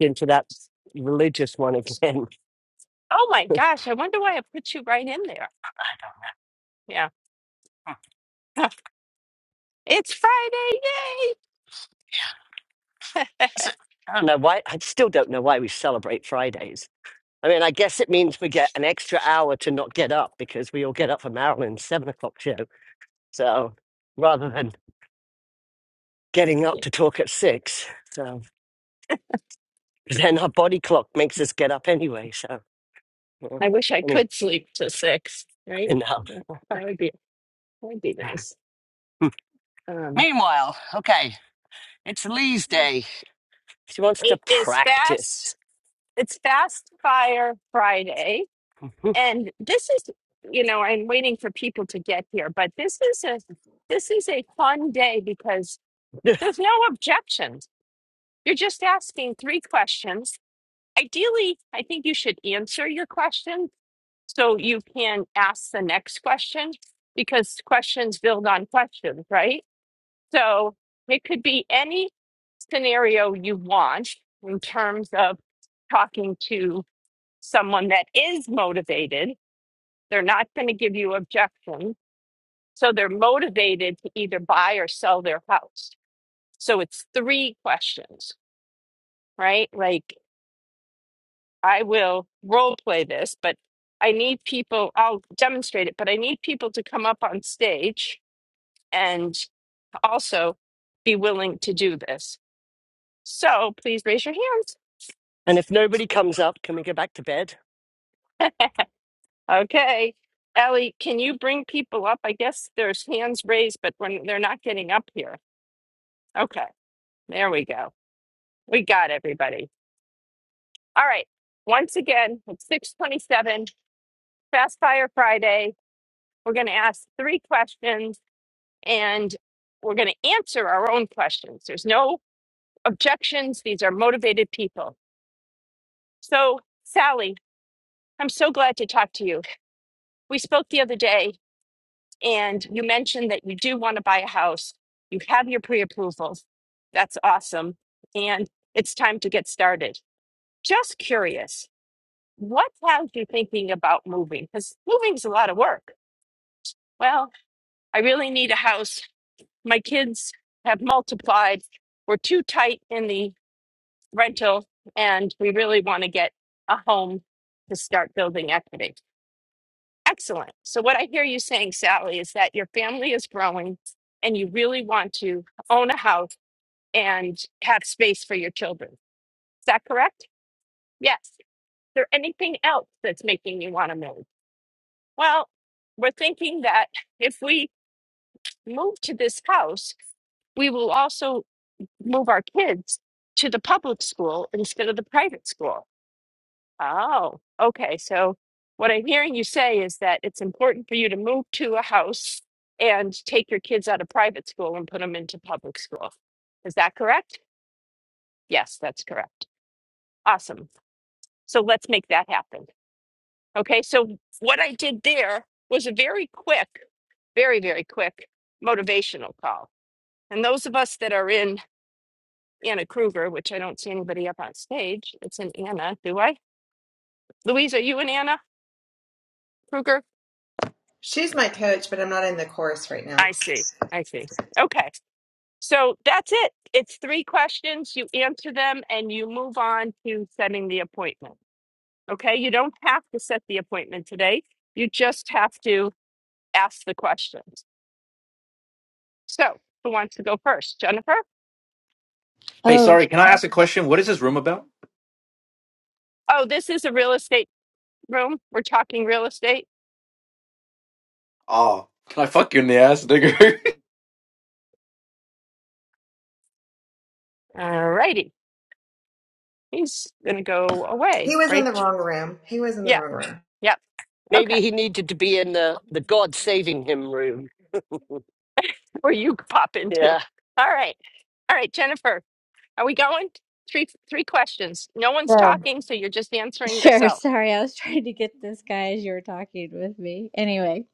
into that religious one again. Oh my gosh, I wonder why I put you right in there. Yeah. It's Friday. So, I don't know why. I still don't know why we celebrate Fridays. I mean, I guess it means we get an extra hour to not get up because we all get up for Marilyn's seven o'clock show. So rather than getting up Yay. to talk at six, so 'cause then our body clock makes us get up anyway. So well, I wish I anyway, could sleep to six, right? enough. Well, That would be that would be nice. Um Meanwhile, okay, it's Lee's day. She wants to it is practice. fast. It's fast fire Friday. And this is you know, I'm waiting for people to get here, but this is a this is a fun day because and there's no objections. You're just asking three questions. Ideally, I think you should answer your questions so you can ask the next question because questions build on questions, right? So it could be any scenario you want in terms of talking to someone that is motivated. They're not going to give you objections. So they're motivated to either buy or sell their house. So it's three questions, right? Like I will role play this, but I need people, I'll demonstrate it, but I need people to come up on stage and also be willing to do this. So please raise your hands. if nobody comes up, can we go back to bed? Okay. Ellie, can you bring people up? I guess there's hands raised, but when they're not getting up here. Okay. There we go. We got everybody. All right. Once again, it's 627, Fast Fire Friday. We're going to ask three questions and we're going to answer our own questions. There's no objections. These are motivated people. So, Sally, I'm so glad to talk to you. We spoke the other day, and you mentioned that you do want to buy a house. You have your pre approval. That's awesome. And it's time to get started. Just curious, what has you thinking about moving? Because moving is a lot of work. Well, I really need a house. My kids have multiplied. We're too tight in the rental and we really want to get a home to start building equity. Excellent. So, what I hear you saying, Sally, is that your family is growing and you really want to own a house and have space for your children. Is that correct? Yes. Is there anything else that's making you want to move? Well, we're thinking that if we move to this house, we will also move our kids to the public school instead of the private school. Oh, okay. So what I'm hearing you say is that it's important for you to move to a house and take your kids out of private school and put them into public school. Is that correct? Yes, that's correct. Awesome. So let's make that happen. Okay. So what I did there was a very quick, very, very quick motivational call. And those of us that are in Anna Kruger, which I don't see anybody up on stage, it's an Anna, do I? Louise, are you in Anna Kruger? She's my coach, but I'm not in the chorus right I now. see. I see. Okay. So that's it. It's three questions. You answer them and you move on to setting the appointment. Okay. You don't have to set the appointment today. You just have to ask the questions. So who wants to go first? Jennifer? Hey, Oh, sorry, can I ask a question? What is this room about? Oh, this is a real estate room. We're talking real estate. Oh, can I fuck you in the ass, nigga? All righty. He's going to go away, He was in right? the wrong room. He was in the Yeah. wrong room. Yeah. Okay. Maybe he needed to be in the, the God saving him room. Where you pop into. Yeah, All right. All right, Jennifer. Are we going? Three three questions. No one's sure. talking, so you're just answering Sure. yourself. Sorry, I was trying to get this guy as you were talking with me. Anyway,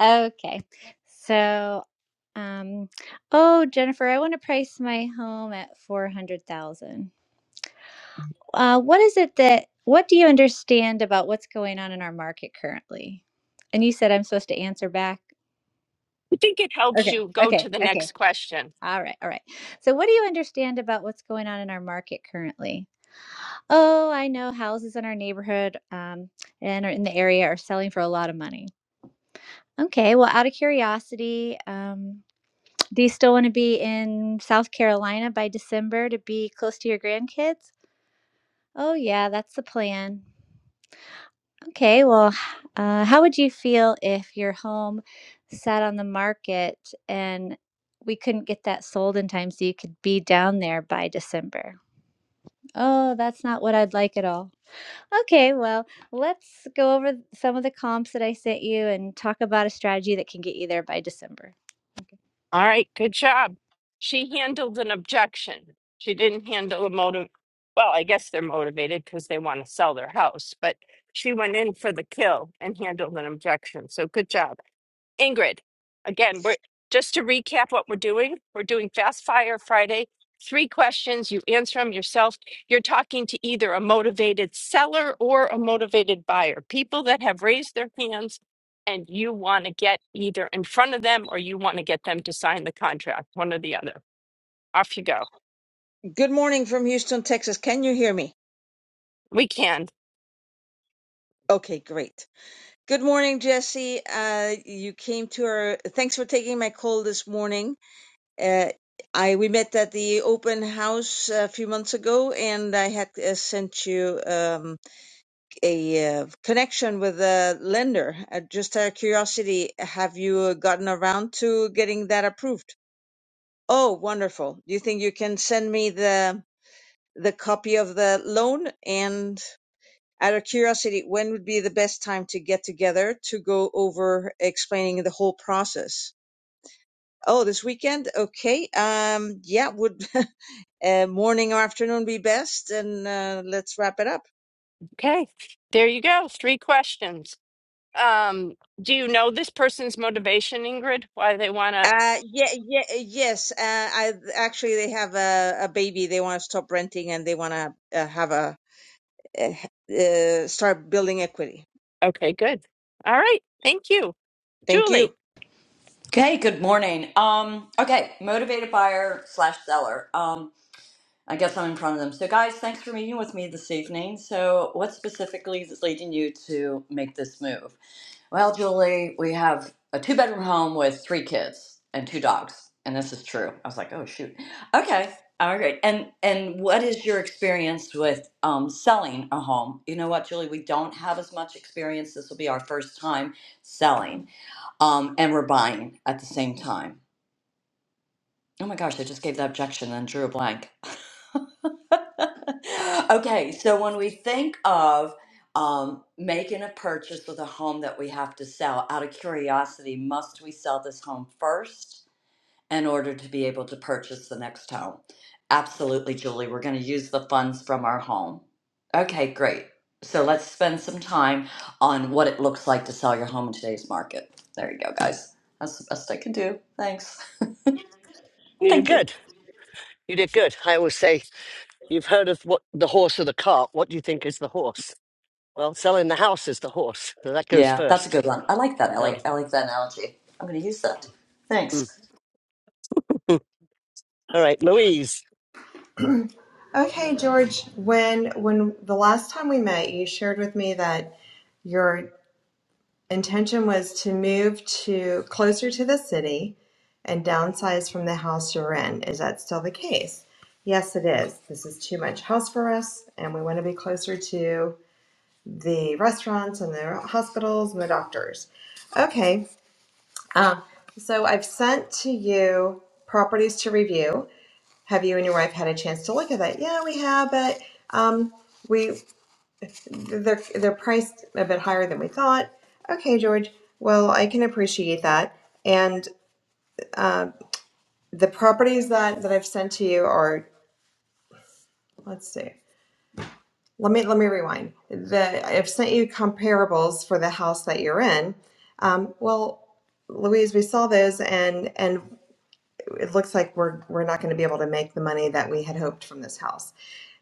okay. So, um, oh, Jennifer, I want to price my home at 400,000. Uh, what is it that, what do you understand about what's going on in our market currently? And you said I'm supposed to answer back. I think it helps Okay. you go Okay. to the Okay. next question. All right. All right. So, what do you understand about what's going on in our market currently? Oh, I know houses in our neighborhood um, and are in the area are selling for a lot of money. Okay, well, out of curiosity, um, do you still want to be in South Carolina by December to be close to your grandkids? Oh, yeah, that's the plan. Okay, well, h- uh, how would you feel if your home sat on the market and we couldn't get that sold in time so you could be down there by December? Oh, that's not what I'd like at all. Okay, well, let's go over some of the comps that I sent you and talk about a strategy that can get you there by December. Okay. All right, good job. She handled an objection. She didn't handle a motive. Well, I guess they're motivated because they want to sell their house, but she went in for the kill and handled an objection. So good job. Ingrid, again, we're just to recap what we're doing. We're doing Fast Fire Friday. Three questions, you answer them yourself. You're talking to either a motivated seller or a motivated buyer, people that have raised their hands and you want to get either in front of them or you want to get them to sign the contract, one or the other. Off you go. Good morning from Houston, Texas. Can you hear me? We can. Okay, great. Good morning, Jesse. Uh, you came to our. Thanks for taking my call this morning. Uh, I we met at the open house a few months ago, and I had uh, sent you um, a uh, connection with a lender. Uh, just out of curiosity, have you uh, gotten around to getting that approved? Oh, wonderful! Do you think you can send me the the copy of the loan and? out of curiosity, when would be the best time to get together to go over explaining the whole process? Oh, this weekend? Okay. Um, yeah, would uh, morning or afternoon be best? And uh, let's wrap it up. Okay. There you go. Three questions. Um, do you know this person's motivation, Ingrid? Why they want to? Uh, yeah, yeah, yes. Uh, I actually they have a, a baby. They want to stop renting and they want to uh, have a uh, uh, start building equity. Okay, good. All right. Thank you. Thank you. Julie, Okay, good morning. Um, okay, motivated buyer slash seller. Um, I guess I'm in front of them. So, guys, thanks for meeting with me this evening. So, what specifically is leading you to make this move? Well, Julie, we have a two bedroom home with three kids and two dogs, and this is true. I was like, oh shoot. Okay, all right. And and what is your experience with um, selling a home? You know what, Julie, we don't have as much experience. This will be our first time selling um, and we're buying at the same time. Oh my gosh, I just gave the objection and drew a blank. okay, so when we think of um, making a purchase with a home that we have to sell, out of curiosity, must we sell this home first in order to be able to purchase the next home? Absolutely, Julie. We're going to use the funds from our home. Okay, great. So let's spend some time on what it looks like to sell your home in today's market. There you go, guys. That's the best I can do. Thanks. you did Thank you. good. You did good. I always say, you've heard of what the horse or the cart. What do you think is the horse? Well, selling the house is the horse. So that goes Yeah, that's a first. good one. I like that, So, Ellie. I like that analogy. I'm going to use that. Thanks. mm. All right, Louise. Okay, George, when when the last time we met, you shared with me that your intention was to move to closer to the city and downsize from the house you're in. Is that still the case? Yes, it is. This is too much house for us, and we want to be closer to the restaurants and the hospitals and the doctors. Okay, Um, so I've sent to you properties to review. Have you and your wife had a chance to look at that? Yeah, we have, but um, we they're they're priced a bit higher than we thought. Okay, George. Well, I can appreciate that. And uh, the properties that that I've sent to you are let's see. Let me let me rewind. The I've sent you comparables for the house that you're in. Um, well, Louise, we saw those and and it looks like we're we're not going to be able to make the money that we had hoped from this house.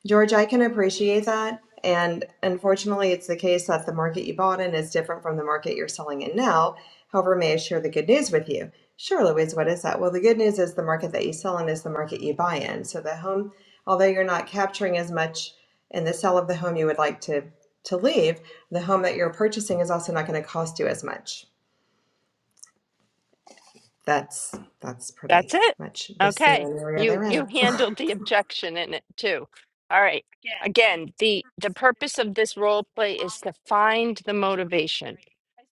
George, I can appreciate that. And unfortunately, it's the case that the market you bought in is different from the market you're selling in now. However, may I share the good news with you? Sure, Louise, what is that? Well, the good news is the market that you sell in is the market you buy in. So the home, although you're not capturing as much in the sale of the home you would like to to leave, the home that you're purchasing is also not going to cost you as much. That's that's that's pretty it. much the Okay. scenario You they're in. you handled the objection in it too. All right. Again, the the purpose of this role play is to find the motivation.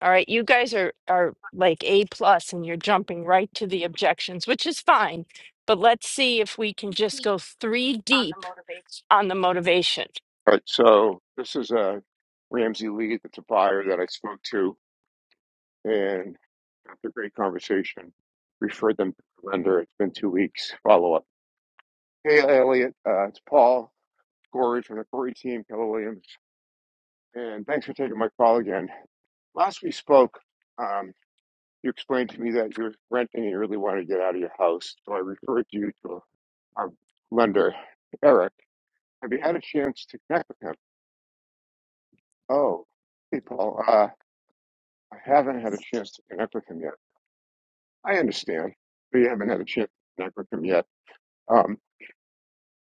All right. You guys are are like A plus and you're jumping right to the objections, which is fine. But let's see if we can just go three deep on the motivation. All right, so this is uh, Ramsey Lee, that's a buyer that I spoke to, and after a great conversation, referred them to the lender. It's been two weeks follow up. Hey, Elliot, uh, it's Paul Gorey from the Gorey team, Keller Williams, and thanks for taking my call again. Last we spoke, um, you explained to me that you were renting and you really wanted to get out of your house, so I referred you to our lender, Eric. Have you had a chance to connect with him? Oh, hey, Paul. uh, I haven't had a chance to connect with him yet. I understand, but you haven't had a chance to connect with him yet. Um,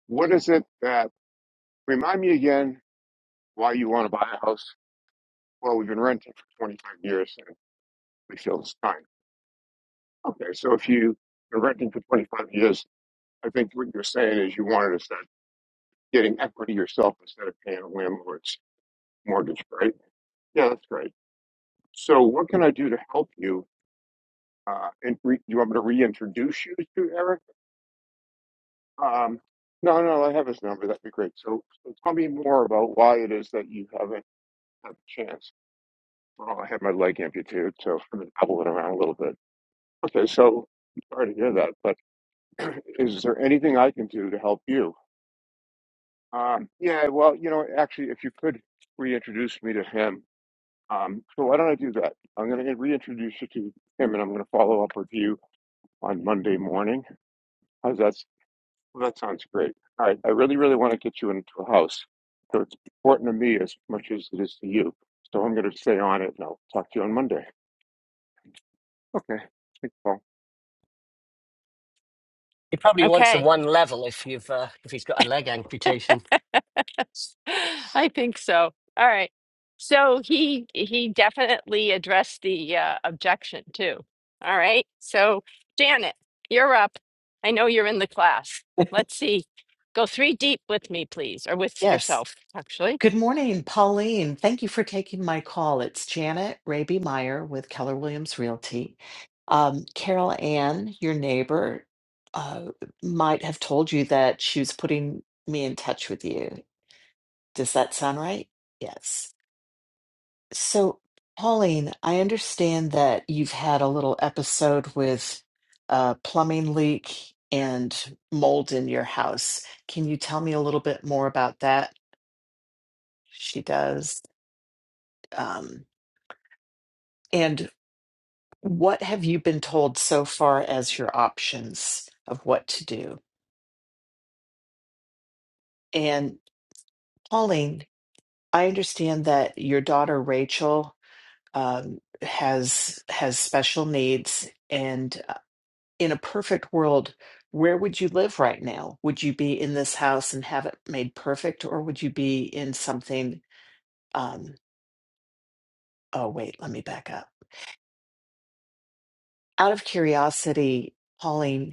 what is it that remind me again why you want to buy a house? Well, we've been renting for 25 years and we feel it's time. Okay, so if you've been renting for 25 years, I think what you're saying is you wanted to start getting equity yourself instead of paying a landlord's mortgage, right? Yeah, that's great. So, what can I do to help you? Uh, and re- you want me to reintroduce you to Eric? Um, no, no, I have his number. That'd be great. So, so tell me more about why it is that you haven't had a chance. Well, I had my leg amputated, so I've been hobbling around a little bit. Okay, so sorry to hear that, but is there anything I can do to help you? Um, yeah, well, you know, actually, if you could reintroduce me to him. Um, so why don't I do that? I'm going to reintroduce you to him, and I'm going to follow up with you on Monday morning. How's that Well, that sounds great. All right, I really, really want to get you into a house. So it's important to me as much as it is to you. So I'm going to stay on it and I'll talk to you on Monday. Okay. Thanks, Paul. He probably wants a Okay. one level if you've uh, if he's got a leg amputation I think so. All right. So he he definitely addressed the uh, objection too. All right. So Janet, you're up. I know you're in the class. Let's see. Go three deep with me, please, or with Yes. yourself, actually. Good morning, Pauline. Thank you for taking my call. It's Janet Raby Meyer with Keller Williams Realty. Um, Carol Ann, your neighbor, uh, might have told you that she was putting me in touch with you. Does that sound right? Yes. So, Pauline, I understand that you've had a little episode with a plumbing leak and mold in your house. Can you tell me a little bit more about that? She does. Um, and what have you been told so far as your options of what to do? And Pauline, I understand that your daughter Rachel um, has has special needs, and uh, in a perfect world, where would you live right now? Would you be in this house and have it made perfect, or would you be in something? Um, oh, wait, let me back up. Out of curiosity, Pauline.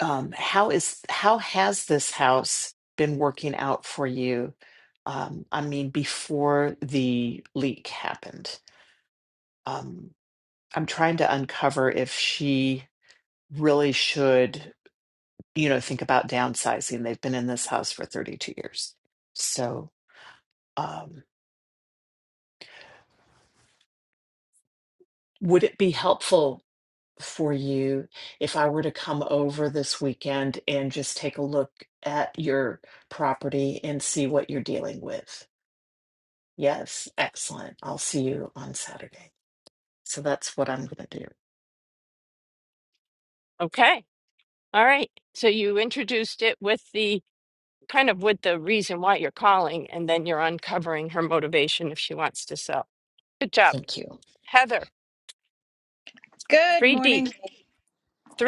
um, how is how has this house been working out for you? Um, I mean, before the leak happened, um, I'm trying to uncover if she really should, you know, think about downsizing. They've been in this house for 32 years, so um, would it be helpful for you if I were to come over this weekend and just take a look at your property and see what you're dealing with? Yes, excellent. I'll see you on Saturday. So that's what I'm going to do. Okay. All right. So you introduced it with the kind of with the reason why you're calling, and then you're uncovering her motivation if she wants to sell. Good job, Thank you. Heather. Good Three deep. morning.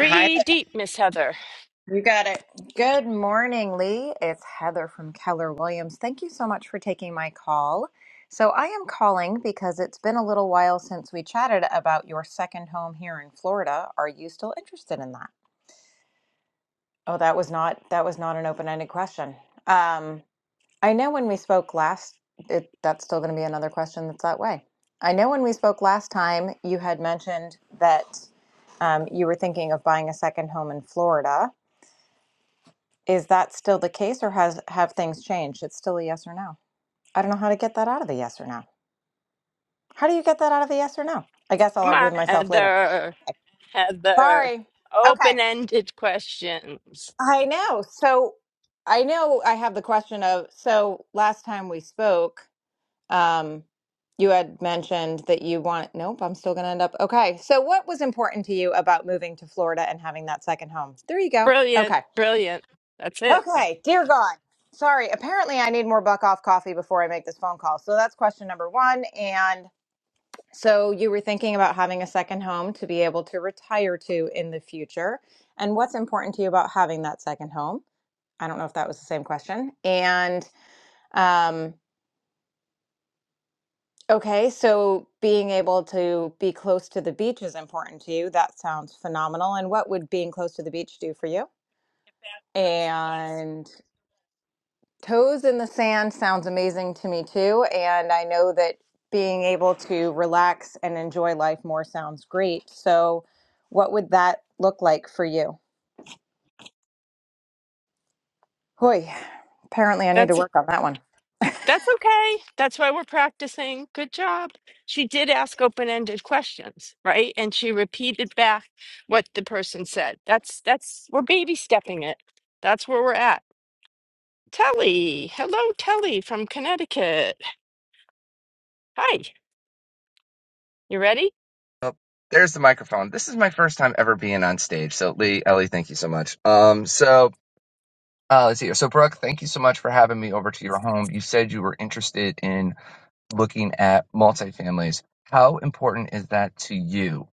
Hi deep, Miss Heather. there. You got it. Good morning, Lee. It's Heather from Keller Williams. Thank you so much for taking my call. So, I am calling because it's been a little while since we chatted about your second home here in Florida. Are you still interested in that? Oh, that was not that was not an open-ended question. Um, I know when we spoke last, it, that's still going to be another question that's that way. I know when we spoke last time, you had mentioned that um, you were thinking of buying a second home in Florida. Is that still the case or has have things changed? It's still a yes or no. I don't know how to get that out of the yes or no. How do you get that out of the yes or no? I guess I'll Come argue on, with myself later. Heather. Heather. Sorry. Okay. Open ended questions. I know. So I know I have the question of so last time we spoke, um, you had mentioned that you want nope, I'm still gonna end up okay. So what was important to you about moving to Florida and having that second home? There you go. Brilliant. Okay. Brilliant. That's it. Okay, dear God. Sorry, apparently I need more buck off coffee before I make this phone call. So that's question number one. And so you were thinking about having a second home to be able to retire to in the future. And what's important to you about having that second home? I don't know if that was the same question. And um, okay, so being able to be close to the beach is important to you. That sounds phenomenal. And what would being close to the beach do for you? And Toes in the sand sounds amazing to me too. And I know that being able to relax and enjoy life more sounds great. So, what would that look like for you? Hoy, apparently I need to That's it. work on that one. That's okay. That's why we're practicing. Good job. She did ask open ended questions, right? And she repeated back what the person said. That's that's we're baby stepping it. That's where we're at. Telly. Hello, Telly from Connecticut. Hi. You ready? Oh, there's the microphone. This is my first time ever being on stage. So Lee, Ellie, thank you so much. Um, so uh, let's see. here. So Brooke, thank you so much for having me over to your home. You said you were interested in looking at multifamilies. How important is that to you?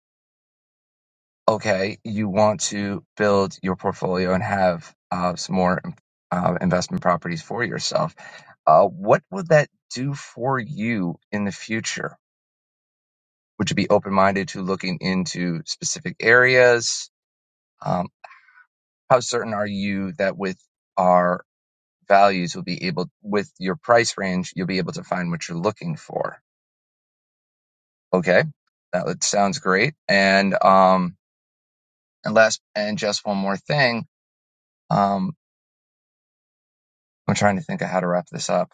Okay, you want to build your portfolio and have uh, some more uh, investment properties for yourself. Uh, what would that do for you in the future? Would you be open minded to looking into specific areas? Um, how certain are you that with our values you'll be able with your price range you'll be able to find what you're looking for okay that would- sounds great and um and last and just one more thing um i'm trying to think of how to wrap this up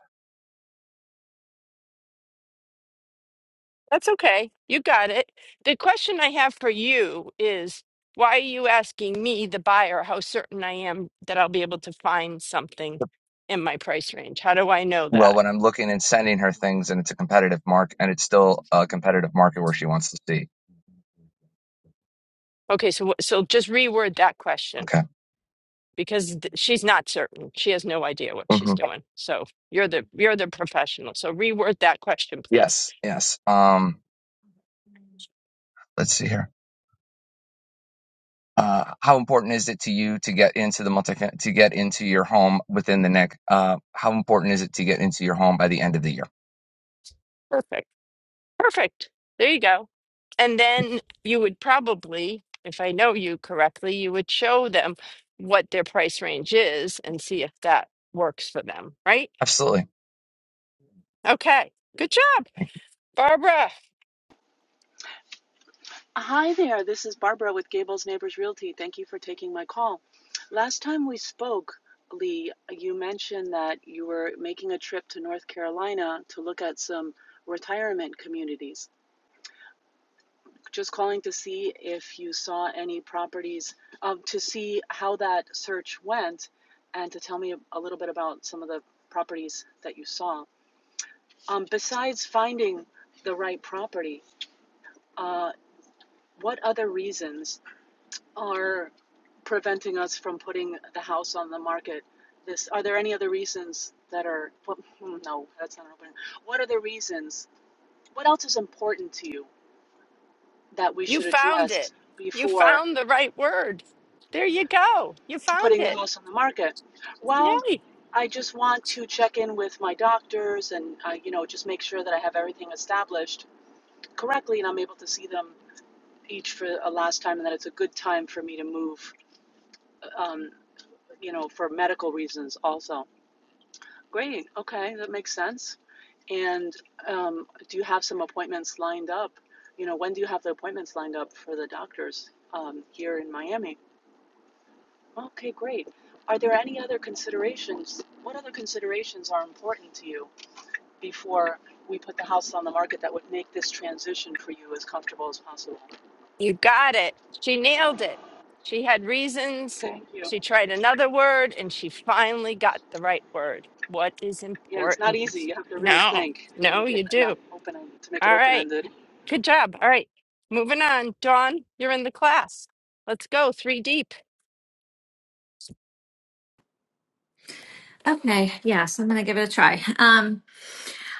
That's okay. You got it. The question I have for you is why are you asking me, the buyer, how certain I am that I'll be able to find something in my price range? How do I know well that? when i'm looking and sending her things and it's a competitive mark and it's still a competitive market where she wants to see Okay, so wh- so just reword that question okay because th- she's not certain. She has no idea what she's hmm doing. So you're the you're the professional. So reword that question, please. yes yes um let's see here Uh, how important is it to you to get into the multi to get into your home within the next? Uh, how important is it to get into your home by the end of the year? Perfect. Perfect. There you go. And then you would probably, if I know you correctly, you would show them what their price range is and see if that works for them, right? Absolutely. Okay. Good job. Barbara, Hi there, this is Barbara with Gables Neighbors Realty. Thank you for taking my call. Last time we spoke, Lee, you mentioned that you were making a trip to North Carolina to look at some retirement communities. Just calling to see if you saw any properties, um, to see how that search went, and to tell me a little bit about some of the properties that you saw. Um, besides finding the right property, uh, what other reasons are preventing us from putting the house on the market. This are there any other reasons that are what, hmm, no, that's not an opening. What are the reasons? What else is important to you that we you should found address it. You before found the right word. There you go. You found putting the it. house on the market? Well, Yay. I just want to check in with my doctors and uh, you know just make sure that I have everything established correctly and I'm able to see them each for a last time and that it's a good time for me to move um, you know for medical reasons also Great. Okay, that makes sense. And um, do you have some appointments lined up? You know, when do you have the appointments lined up for the doctors um, here in Miami? Okay, great. Are there any other considerations? What other considerations are important to you before we put the house on the market that would make this transition for you as comfortable as possible? You got it. She nailed it. She had reasons. Thank you. She tried another word and she finally got the right word. What is Yeah, it's not important? easy. You have to really No, think to no, make it you not do. open to make it All open right. ended. Good job. All right. Moving on. Dawn, you're in the class. Let's go three deep. Okay, yes, I'm gonna give it a try. Um,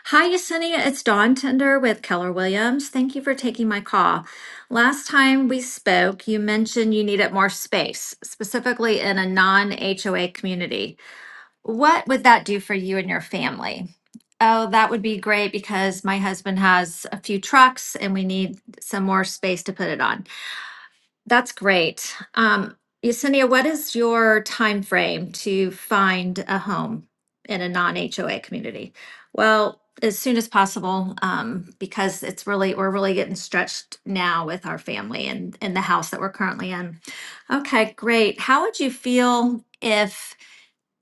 hi, Yesenia. It's Dawn Tender with Keller Williams. Thank you for taking my call. Last time we spoke, you mentioned you needed more space, specifically in a non-HOA community. What would that do for you and your family? Oh, that would be great because my husband has a few trucks and we need some more space to put it on. That's great. Um, Yesenia, what is your time frame to find a home in a non-HOA community? Well, as soon as possible, um, because it's really we're really getting stretched now with our family and in the house that we're currently in. Okay, great. How would you feel if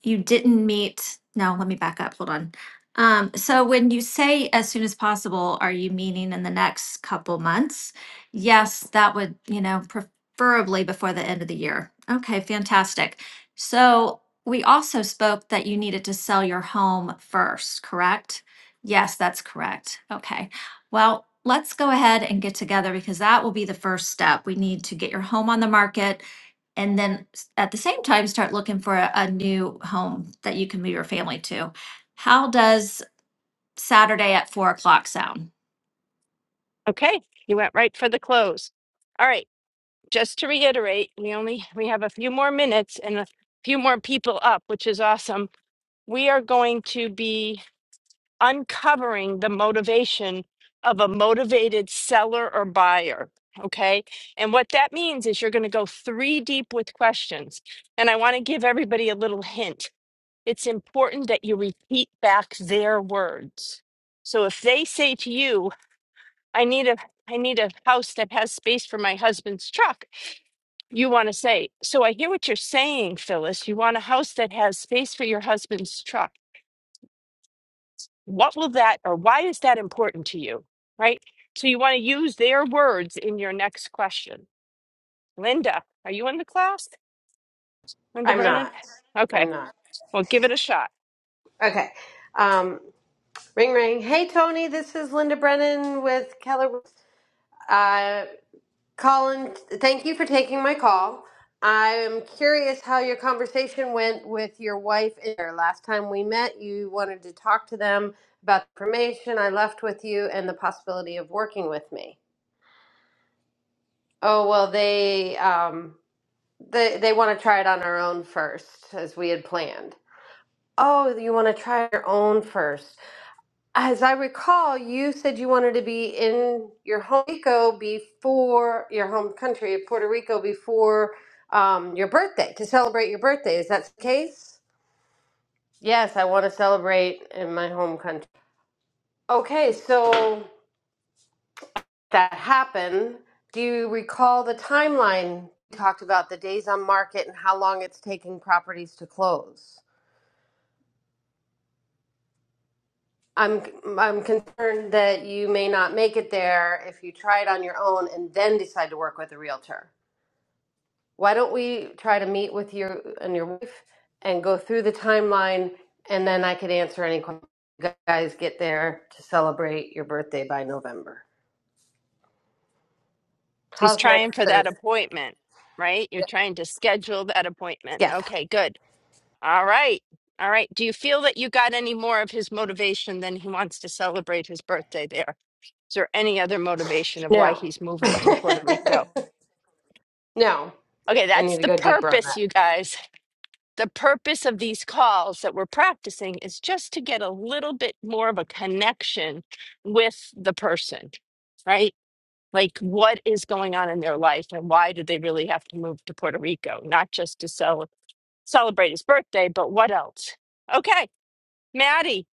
you didn't meet, no, let me back up, hold on. Um, so when you say as soon as possible, are you meaning in the next couple months? Yes, that would, you know, preferably before the end of the year. Okay, fantastic. So we also spoke that you needed to sell your home first, correct? Yes, that's correct. Okay. Well, let's go ahead and get together because that will be the first step. We need to get your home on the market and then s- at the same time start looking for a, a new home that you can move your family to. How does Saturday at four o'clock sound? Okay. You went right for the close. All right. Just to reiterate, we only we have a few more minutes and a few more people up, which is awesome. We are going to be uncovering the motivation of a motivated seller or buyer. Okay. And what that means is you're going to go three deep with questions. And I want to give everybody a little hint. It's important that you repeat back their words. So if they say to you, I need a I need a house that has space for my husband's truck. You want to say, So I hear what you're saying, Phyllis. You want a house that has space for your husband's truck What will that, or why is that important to you? Right? So you want to use their words in your next question. Linda, are you in the class? Linda I'm Brennan? not. Okay, I'm not. well, give it a shot. Okay. Um, ring ring. Hey Tony, this is Linda Brennan with Keller. Uh, Colin, thank you for taking my call. I'm curious how your conversation went with your wife. and Last time we met, you wanted to talk to them about the information I left with you and the possibility of working with me. Oh well, they um, they they want to try it on our own first, as we had planned. Oh, you want to try your own first? As I recall, you said you wanted to be in your home Rico before your home country of Puerto Rico before um, your birthday to celebrate your birthday. Is that the case? Yes, I want to celebrate in my home country. Okay, so that happened. Do you recall the timeline we talked about the days on market and how long it's taking properties to close? I'm I'm concerned that you may not make it there if you try it on your own and then decide to work with a realtor. why don't we try to meet with you and your wife and go through the timeline and then I could answer any questions you guys get there to celebrate your birthday by November. She's How's next trying for that Thursday? appointment, right? You're trying to schedule that appointment. Yes. Okay, good. All right. All right. Do you feel that you got any more of his motivation than he wants to celebrate his birthday there? Is there any other motivation of why No. he's moving to Puerto Rico? no. Okay, I that's need to the go deeper on that. purpose, you guys. the purpose of these calls that we're practicing is just to get a little bit more of a connection with the person, right? Like, what is going on in their life and why do they really have to move to Puerto Rico? Not just to cel- celebrate his birthday, but what else? Okay, Maddie,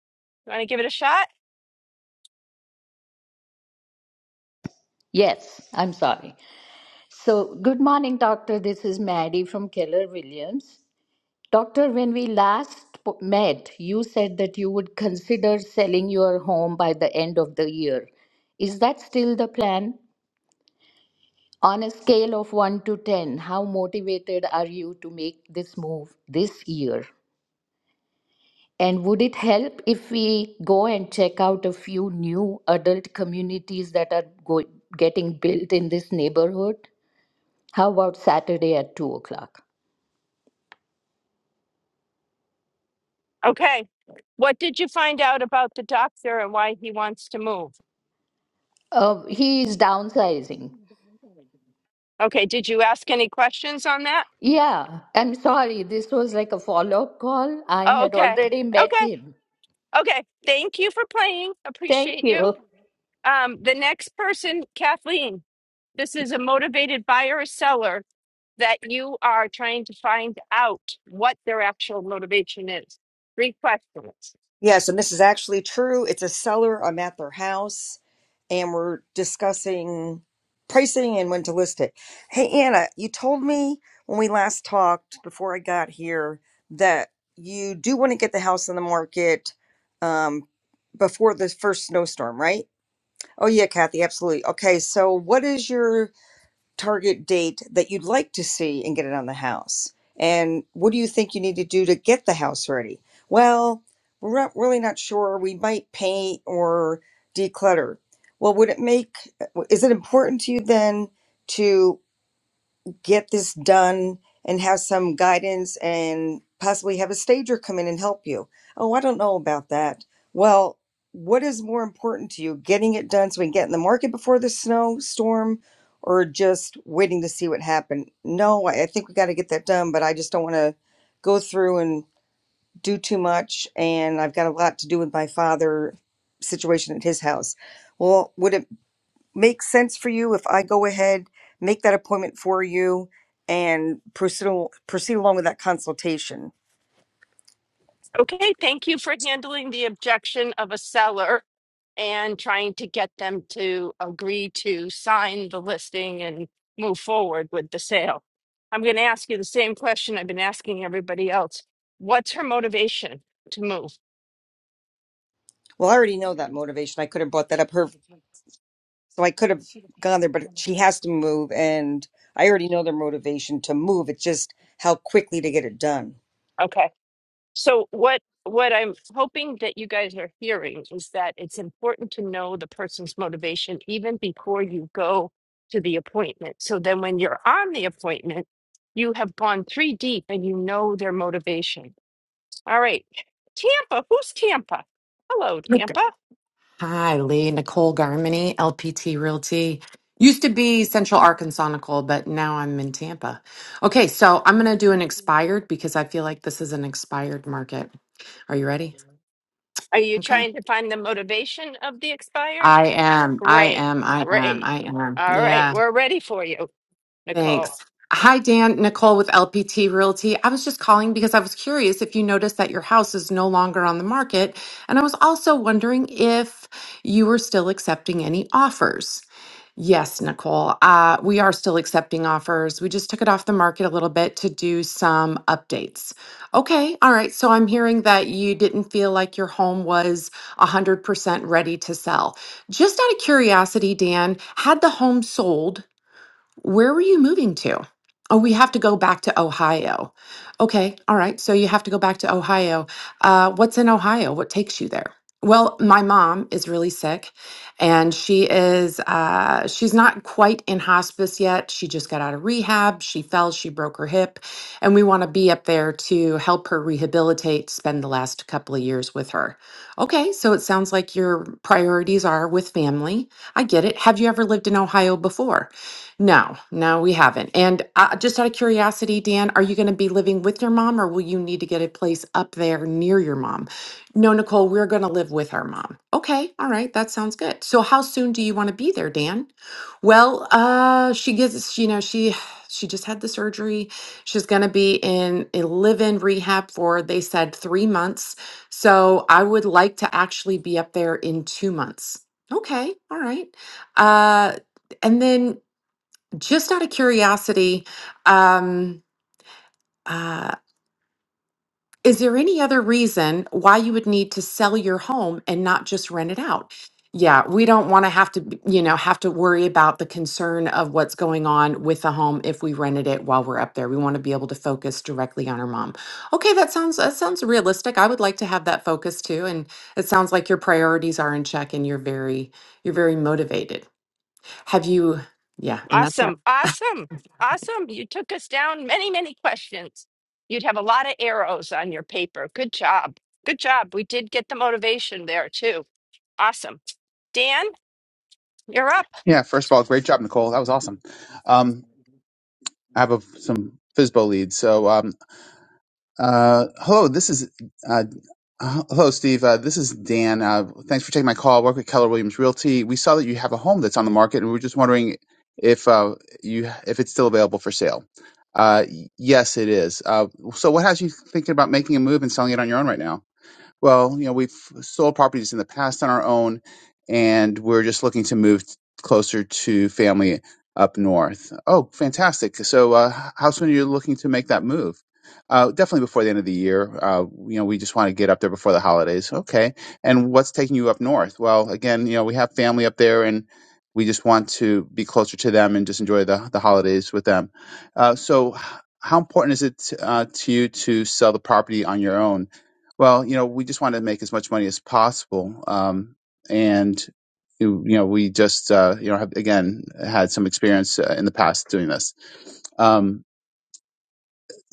you want to give it a shot? Yes, I'm sorry. So, good morning, doctor. This is Maddie from Keller Williams. Doctor, when we last po- met, you said that you would consider selling your home by the end of the year. Is that still the plan? On a scale of 1 to 10, how motivated are you to make this move this year? And would it help if we go and check out a few new adult communities that are go- getting built in this neighborhood? How about Saturday at 2 o'clock? Okay. What did you find out about the doctor and why he wants to move? Uh, he is downsizing. Okay, did you ask any questions on that? Yeah, I'm sorry. This was like a follow up call. I Oh, had okay. already met Okay. him. Okay. Thank you for playing. Thank Appreciate you. you. Um, the next person, Kathleen, this is a motivated buyer or seller that you are trying to find out what their actual motivation is. Three questions. Yes, and this is actually true. It's a seller. I'm at their house and we're discussing pricing and when to list it. Hey, Anna, you told me when we last talked before I got here that you do want to get the house on the market um, before the first snowstorm, right? Oh, yeah, Kathy, absolutely. Okay, so what is your target date that you'd like to see and get it on the house? And what do you think you need to do to get the house ready? Well, we're not really not sure. We might paint or declutter. Well, would it make, is it important to you then to? get this done and have some guidance and possibly have a stager come in and help you. Oh, I don't know about that. Well, what is more important to you, getting it done so we can get in the market before the snowstorm or just waiting to see what happened? No, I I think we got to get that done, but I just don't want to go through and do too much. And I've got a lot to do with my father situation at his house. Well, would it make sense for you if I go ahead, make that appointment for you, and proceed, al- proceed along with that consultation? Okay, thank you for handling the objection of a seller and trying to get them to agree to sign the listing and move forward with the sale. I'm going to ask you the same question I've been asking everybody else. What's her motivation to move? Well, I already know that motivation. I could have brought that up her, so I could have gone there, but she has to move, and I already know their motivation to move. It's just how quickly to get it done. Okay. So what what I'm hoping that you guys are hearing is that it's important to know the person's motivation even before you go to the appointment. So then when you're on the appointment, you have gone three deep and you know their motivation. All right. Tampa, who's Tampa? Hello, Okay. Tampa. Hi, Lee. Nicole Garmany, LPT Realty. Used to be Central Arkansas, Nicole, but now I'm in Tampa. Okay, so I'm going to do an expired because I feel like this is an expired market. Are you ready? Are you Okay. trying to find the motivation of the expired? I am. I Great, am. I am. great. I am. All Yeah. right, we're ready for you, Nicole. Thanks. Hi, Dan. Nicole with LPT Realty. I was just calling because I was curious if you noticed that your house is no longer on the market. And I was also wondering if you were still accepting any offers. Yes, Nicole. Uh, we are still accepting offers. We just took it off the market a little bit to do some updates. Okay. All right. So I'm hearing that you didn't feel like your home was 100% ready to sell. Just out of curiosity, Dan, had the home sold? Where were you moving to? Oh, we have to go back to Ohio. Okay, all right. So you have to go back to Ohio. Uh, what's in Ohio? What takes you there? Well, my mom is really sick, and she is uh, she's not quite in hospice yet. She just got out of rehab. She fell. She broke her hip, and we want to be up there to help her rehabilitate. Spend the last couple of years with her. Okay, so it sounds like your priorities are with family. I get it. Have you ever lived in Ohio before? No, no, we haven't. And uh, just out of curiosity, Dan, are you going to be living with your mom or will you need to get a place up there near your mom? No, Nicole, we're going to live with our mom. Okay, all right, that sounds good. So how soon do you want to be there, Dan? Well, uh she gets, you know, she she just had the surgery. She's going to be in a live-in rehab for they said 3 months. So I would like to actually be up there in 2 months. Okay, all right. Uh and then just out of curiosity, um, uh, is there any other reason why you would need to sell your home and not just rent it out? Yeah, we don't want to have to, b- you know, have to worry about the concern of what's going on with the home if we rented it while we're up there. We want to be able to focus directly on our mom. Okay, that sounds that sounds realistic. I would like to have that focus too, and it sounds like your priorities are in check and you're very you're very motivated. Have you? Yeah, and that's that. Awesome. Awesome. Awesome. You took us down many, many questions. You'd have a lot of arrows on your paper. Good job. Good job. We did get the motivation there too. Awesome. Dan, you're up. Yeah, first of all, great job, Nicole. That was awesome. Um, I have a, some FISBO leads. So, um, uh, hello, this is, uh, h- hello, Steve. Uh, this is Dan. Uh, thanks for taking my call. I work with Keller Williams Realty. We saw that you have a home that's on the market, and we were just wondering if uh, you if it's still available for sale. Uh, y- yes, it is. Uh, so, what has you thinking about making a move and selling it on your own right now? Well, you know, we've sold properties in the past on our own, and we're just looking to move closer to family up north. Oh, fantastic! So, uh, how soon are you looking to make that move? Uh, definitely before the end of the year. Uh, you know, we just want to get up there before the holidays. Okay. And what's taking you up north? Well, again, you know, we have family up there, and we just want to be closer to them and just enjoy the the holidays with them. Uh, so, h- how important is it uh, to you to sell the property on your own? Well, you know, we just want to make as much money as possible, um, and you you know, we just uh, you know have again had some experience uh, in the past doing this. Um,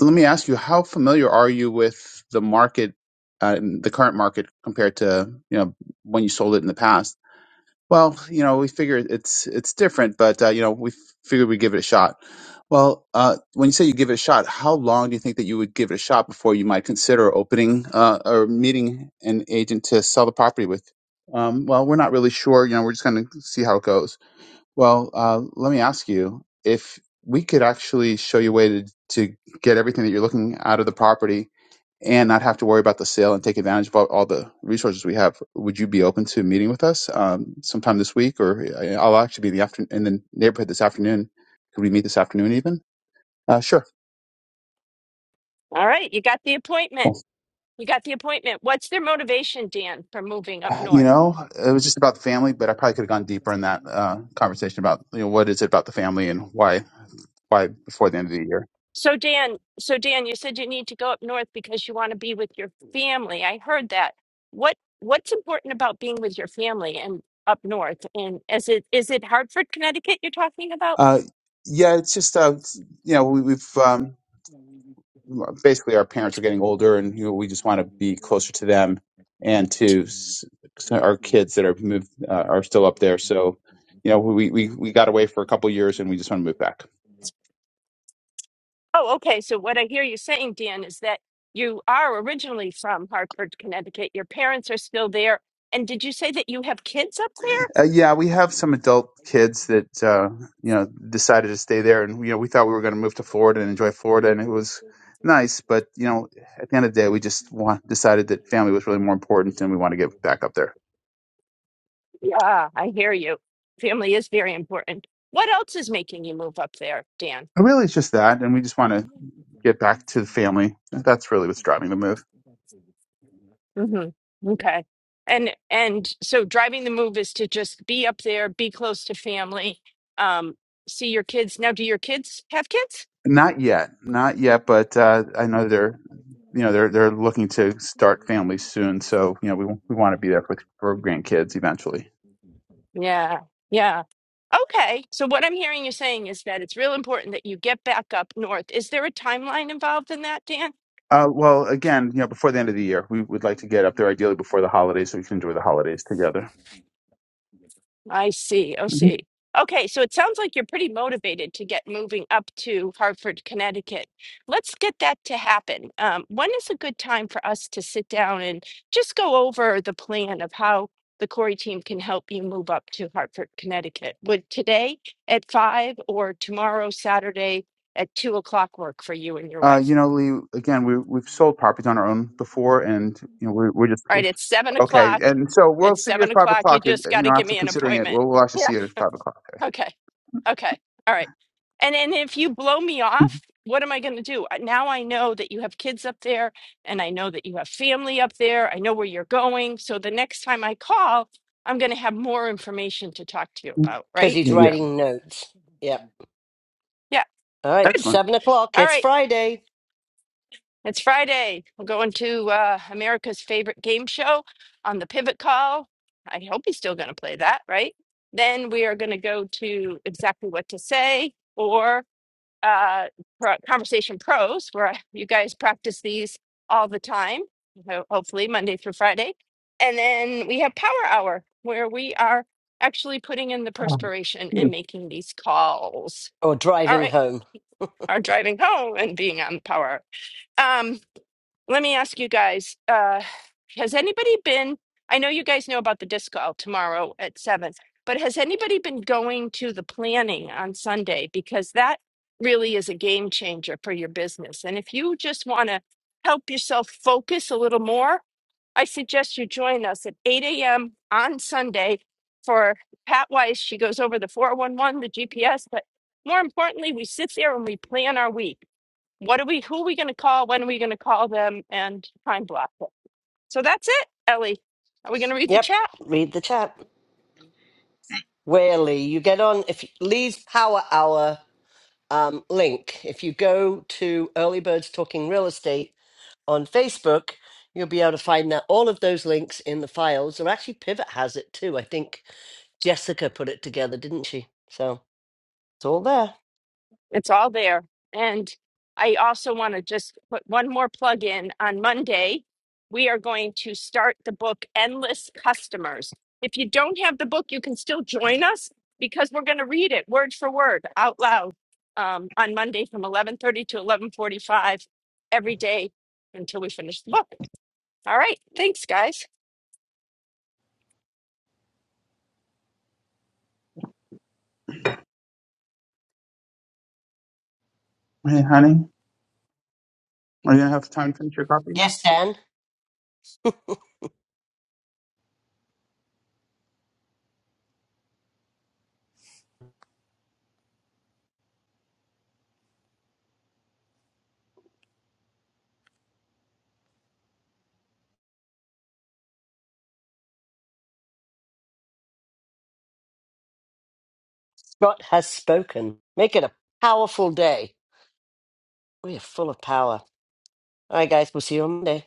let me ask you, how familiar are you with the market, uh, the current market compared to you know when you sold it in the past? Well, you know, we figure it's it's different, but uh, you know, we figured we'd give it a shot. Well, uh, when you say you give it a shot, how long do you think that you would give it a shot before you might consider opening uh, or meeting an agent to sell the property with? Um, well, we're not really sure. You know, we're just going to see how it goes. Well, uh, let me ask you if we could actually show you a way to, to get everything that you're looking out of the property and not have to worry about the sale and take advantage of all, all the resources we have. Would you be open to meeting with us um, sometime this week, or I- I'll actually be in the after in the neighborhood this afternoon? Could we meet this afternoon even? Uh, sure. All right. You got the appointment. Well, You got the appointment. What's their motivation, Dan, for moving up you north? know, it was just about the family, but I probably could have gone deeper in that uh, conversation about you know what is it about the family and why why before the end of the year. So Dan, so Dan, you said you need to go up north because you want to be with your family. I heard that. What what's important about being with your family and up north? And is it is it Hartford, Connecticut you're talking about? Uh, yeah, it's just uh, it's- you know we, we've um, basically our parents are getting older and you know, we just want to be closer to them and to s- so our kids that are moved uh, are still up there so you know we, we we got away for a couple years and we just want to move back Oh, okay. So what I hear you saying, Dan, is that you are originally from Hartford, Connecticut. Your parents are still there. And did you say that you have kids up there? uh, yeah we have some adult kids that uh, you know decided to stay there and you know we thought we were going to move to florida and enjoy florida and it was nice but you know at the end of the day we just want, decided that family was really more important and we want to get back up there Yeah, I hear you. Family is very important. What else is making you move up there, Dan? really it's just that and we just want to get back to the family that's really what's driving the move Mm-hmm. Okay. And and so driving the move is to just be up there, be close to family, um, see your kids. Now, do your kids have kids? Not yet, not yet, but uh, I know they're you know they're they're looking to start families soon, so you know we we want to be there for for grandkids eventually. Yeah. Yeah. Okay. So what I'm hearing you saying is that it's real important that you get back up north. Is there a timeline involved in that, Dan? Uh, well, again, you know, before the end of the year, we would like to get up there ideally before the holidays, so we can enjoy the holidays together. I see. I hmm see. Okay. So it sounds like you're pretty motivated to get moving up to Hartford, Connecticut. Let's get that to happen. Um, when is a good time for us to sit down and just go over the plan of how the Corey team can help you move up to Hartford, Connecticut? Would today at five or tomorrow, Saturday at two o'clock work for you and your Uh, wife? you know, Lee, again, we we've sold properties on our own before, and you know we're we're just All right, it's seven okay, o'clock. and so we'll It's see you seven at five o'clock. You o'clock. uh, just You got know, to give after me an considering it, appointment. we'll we'll actually see Yeah. you at five o'clock. Okay. Okay. All right. And and if you blow me Mhm. off, what am I going to do? Uh, Now I know that you have kids up there, and I know that you have family up there. I know where you're going. So the next time I call, I'm going to have more information to talk to you about. because Right? he's Yeah, yeah, writing notes. Yep. Yeah. All right, Good. excellent. seven o'clock. All It's right. Friday It's Friday. We're going to uh, America's favorite game show on the Pivot Call. I hope he's still going to play that, right? Then we are going to go to exactly what to say or uh, pro- conversation pros, where I- you guys practice these all the time, ho- hopefully Monday through Friday. And then we have Power Hour, where we are actually putting in the Oh, perspiration yeah. and making these calls. or All driving right, home. are driving home and being on Power Hour. Um, let me ask you guys uh has anybody been i know you guys know about the disc golf tomorrow at seven but has anybody been going to the planning on sunday because that really is a game changer for your business and if you just want to help yourself focus a little more i suggest you join us at 8 a.m on sunday for pat weiss she goes over the 411 the gps but more importantly we sit there and we plan our week what are we? Who are we going to call? When are we going to call them? And time block it. So that's it, Ellie. Are we going to read the Yep. chat? Read the chat. Where Lee? You get on if Lee's power hour. um, link. If you go to Early Birds Talking Real Estate on Facebook, you'll be able to find that all of those links in the files. Or actually, Pivot has it too. I think Jessica put it together, didn't she? So it's all there. It's all there. And I also want to just put one more plug in on Monday. We are going to start the book Endless Customers. If you don't have the book, you can still join us because we're going to read it word for word out loud um, on Monday from 11:30 to 11:45 every day until we finish the book. All right, thanks guys. Hey, honey. Are you gonna have time to finish your coffee here? Yes, Dan. Scott has spoken. Make it a powerful day. We are full of power. All right, guys. We'll see you on Monday.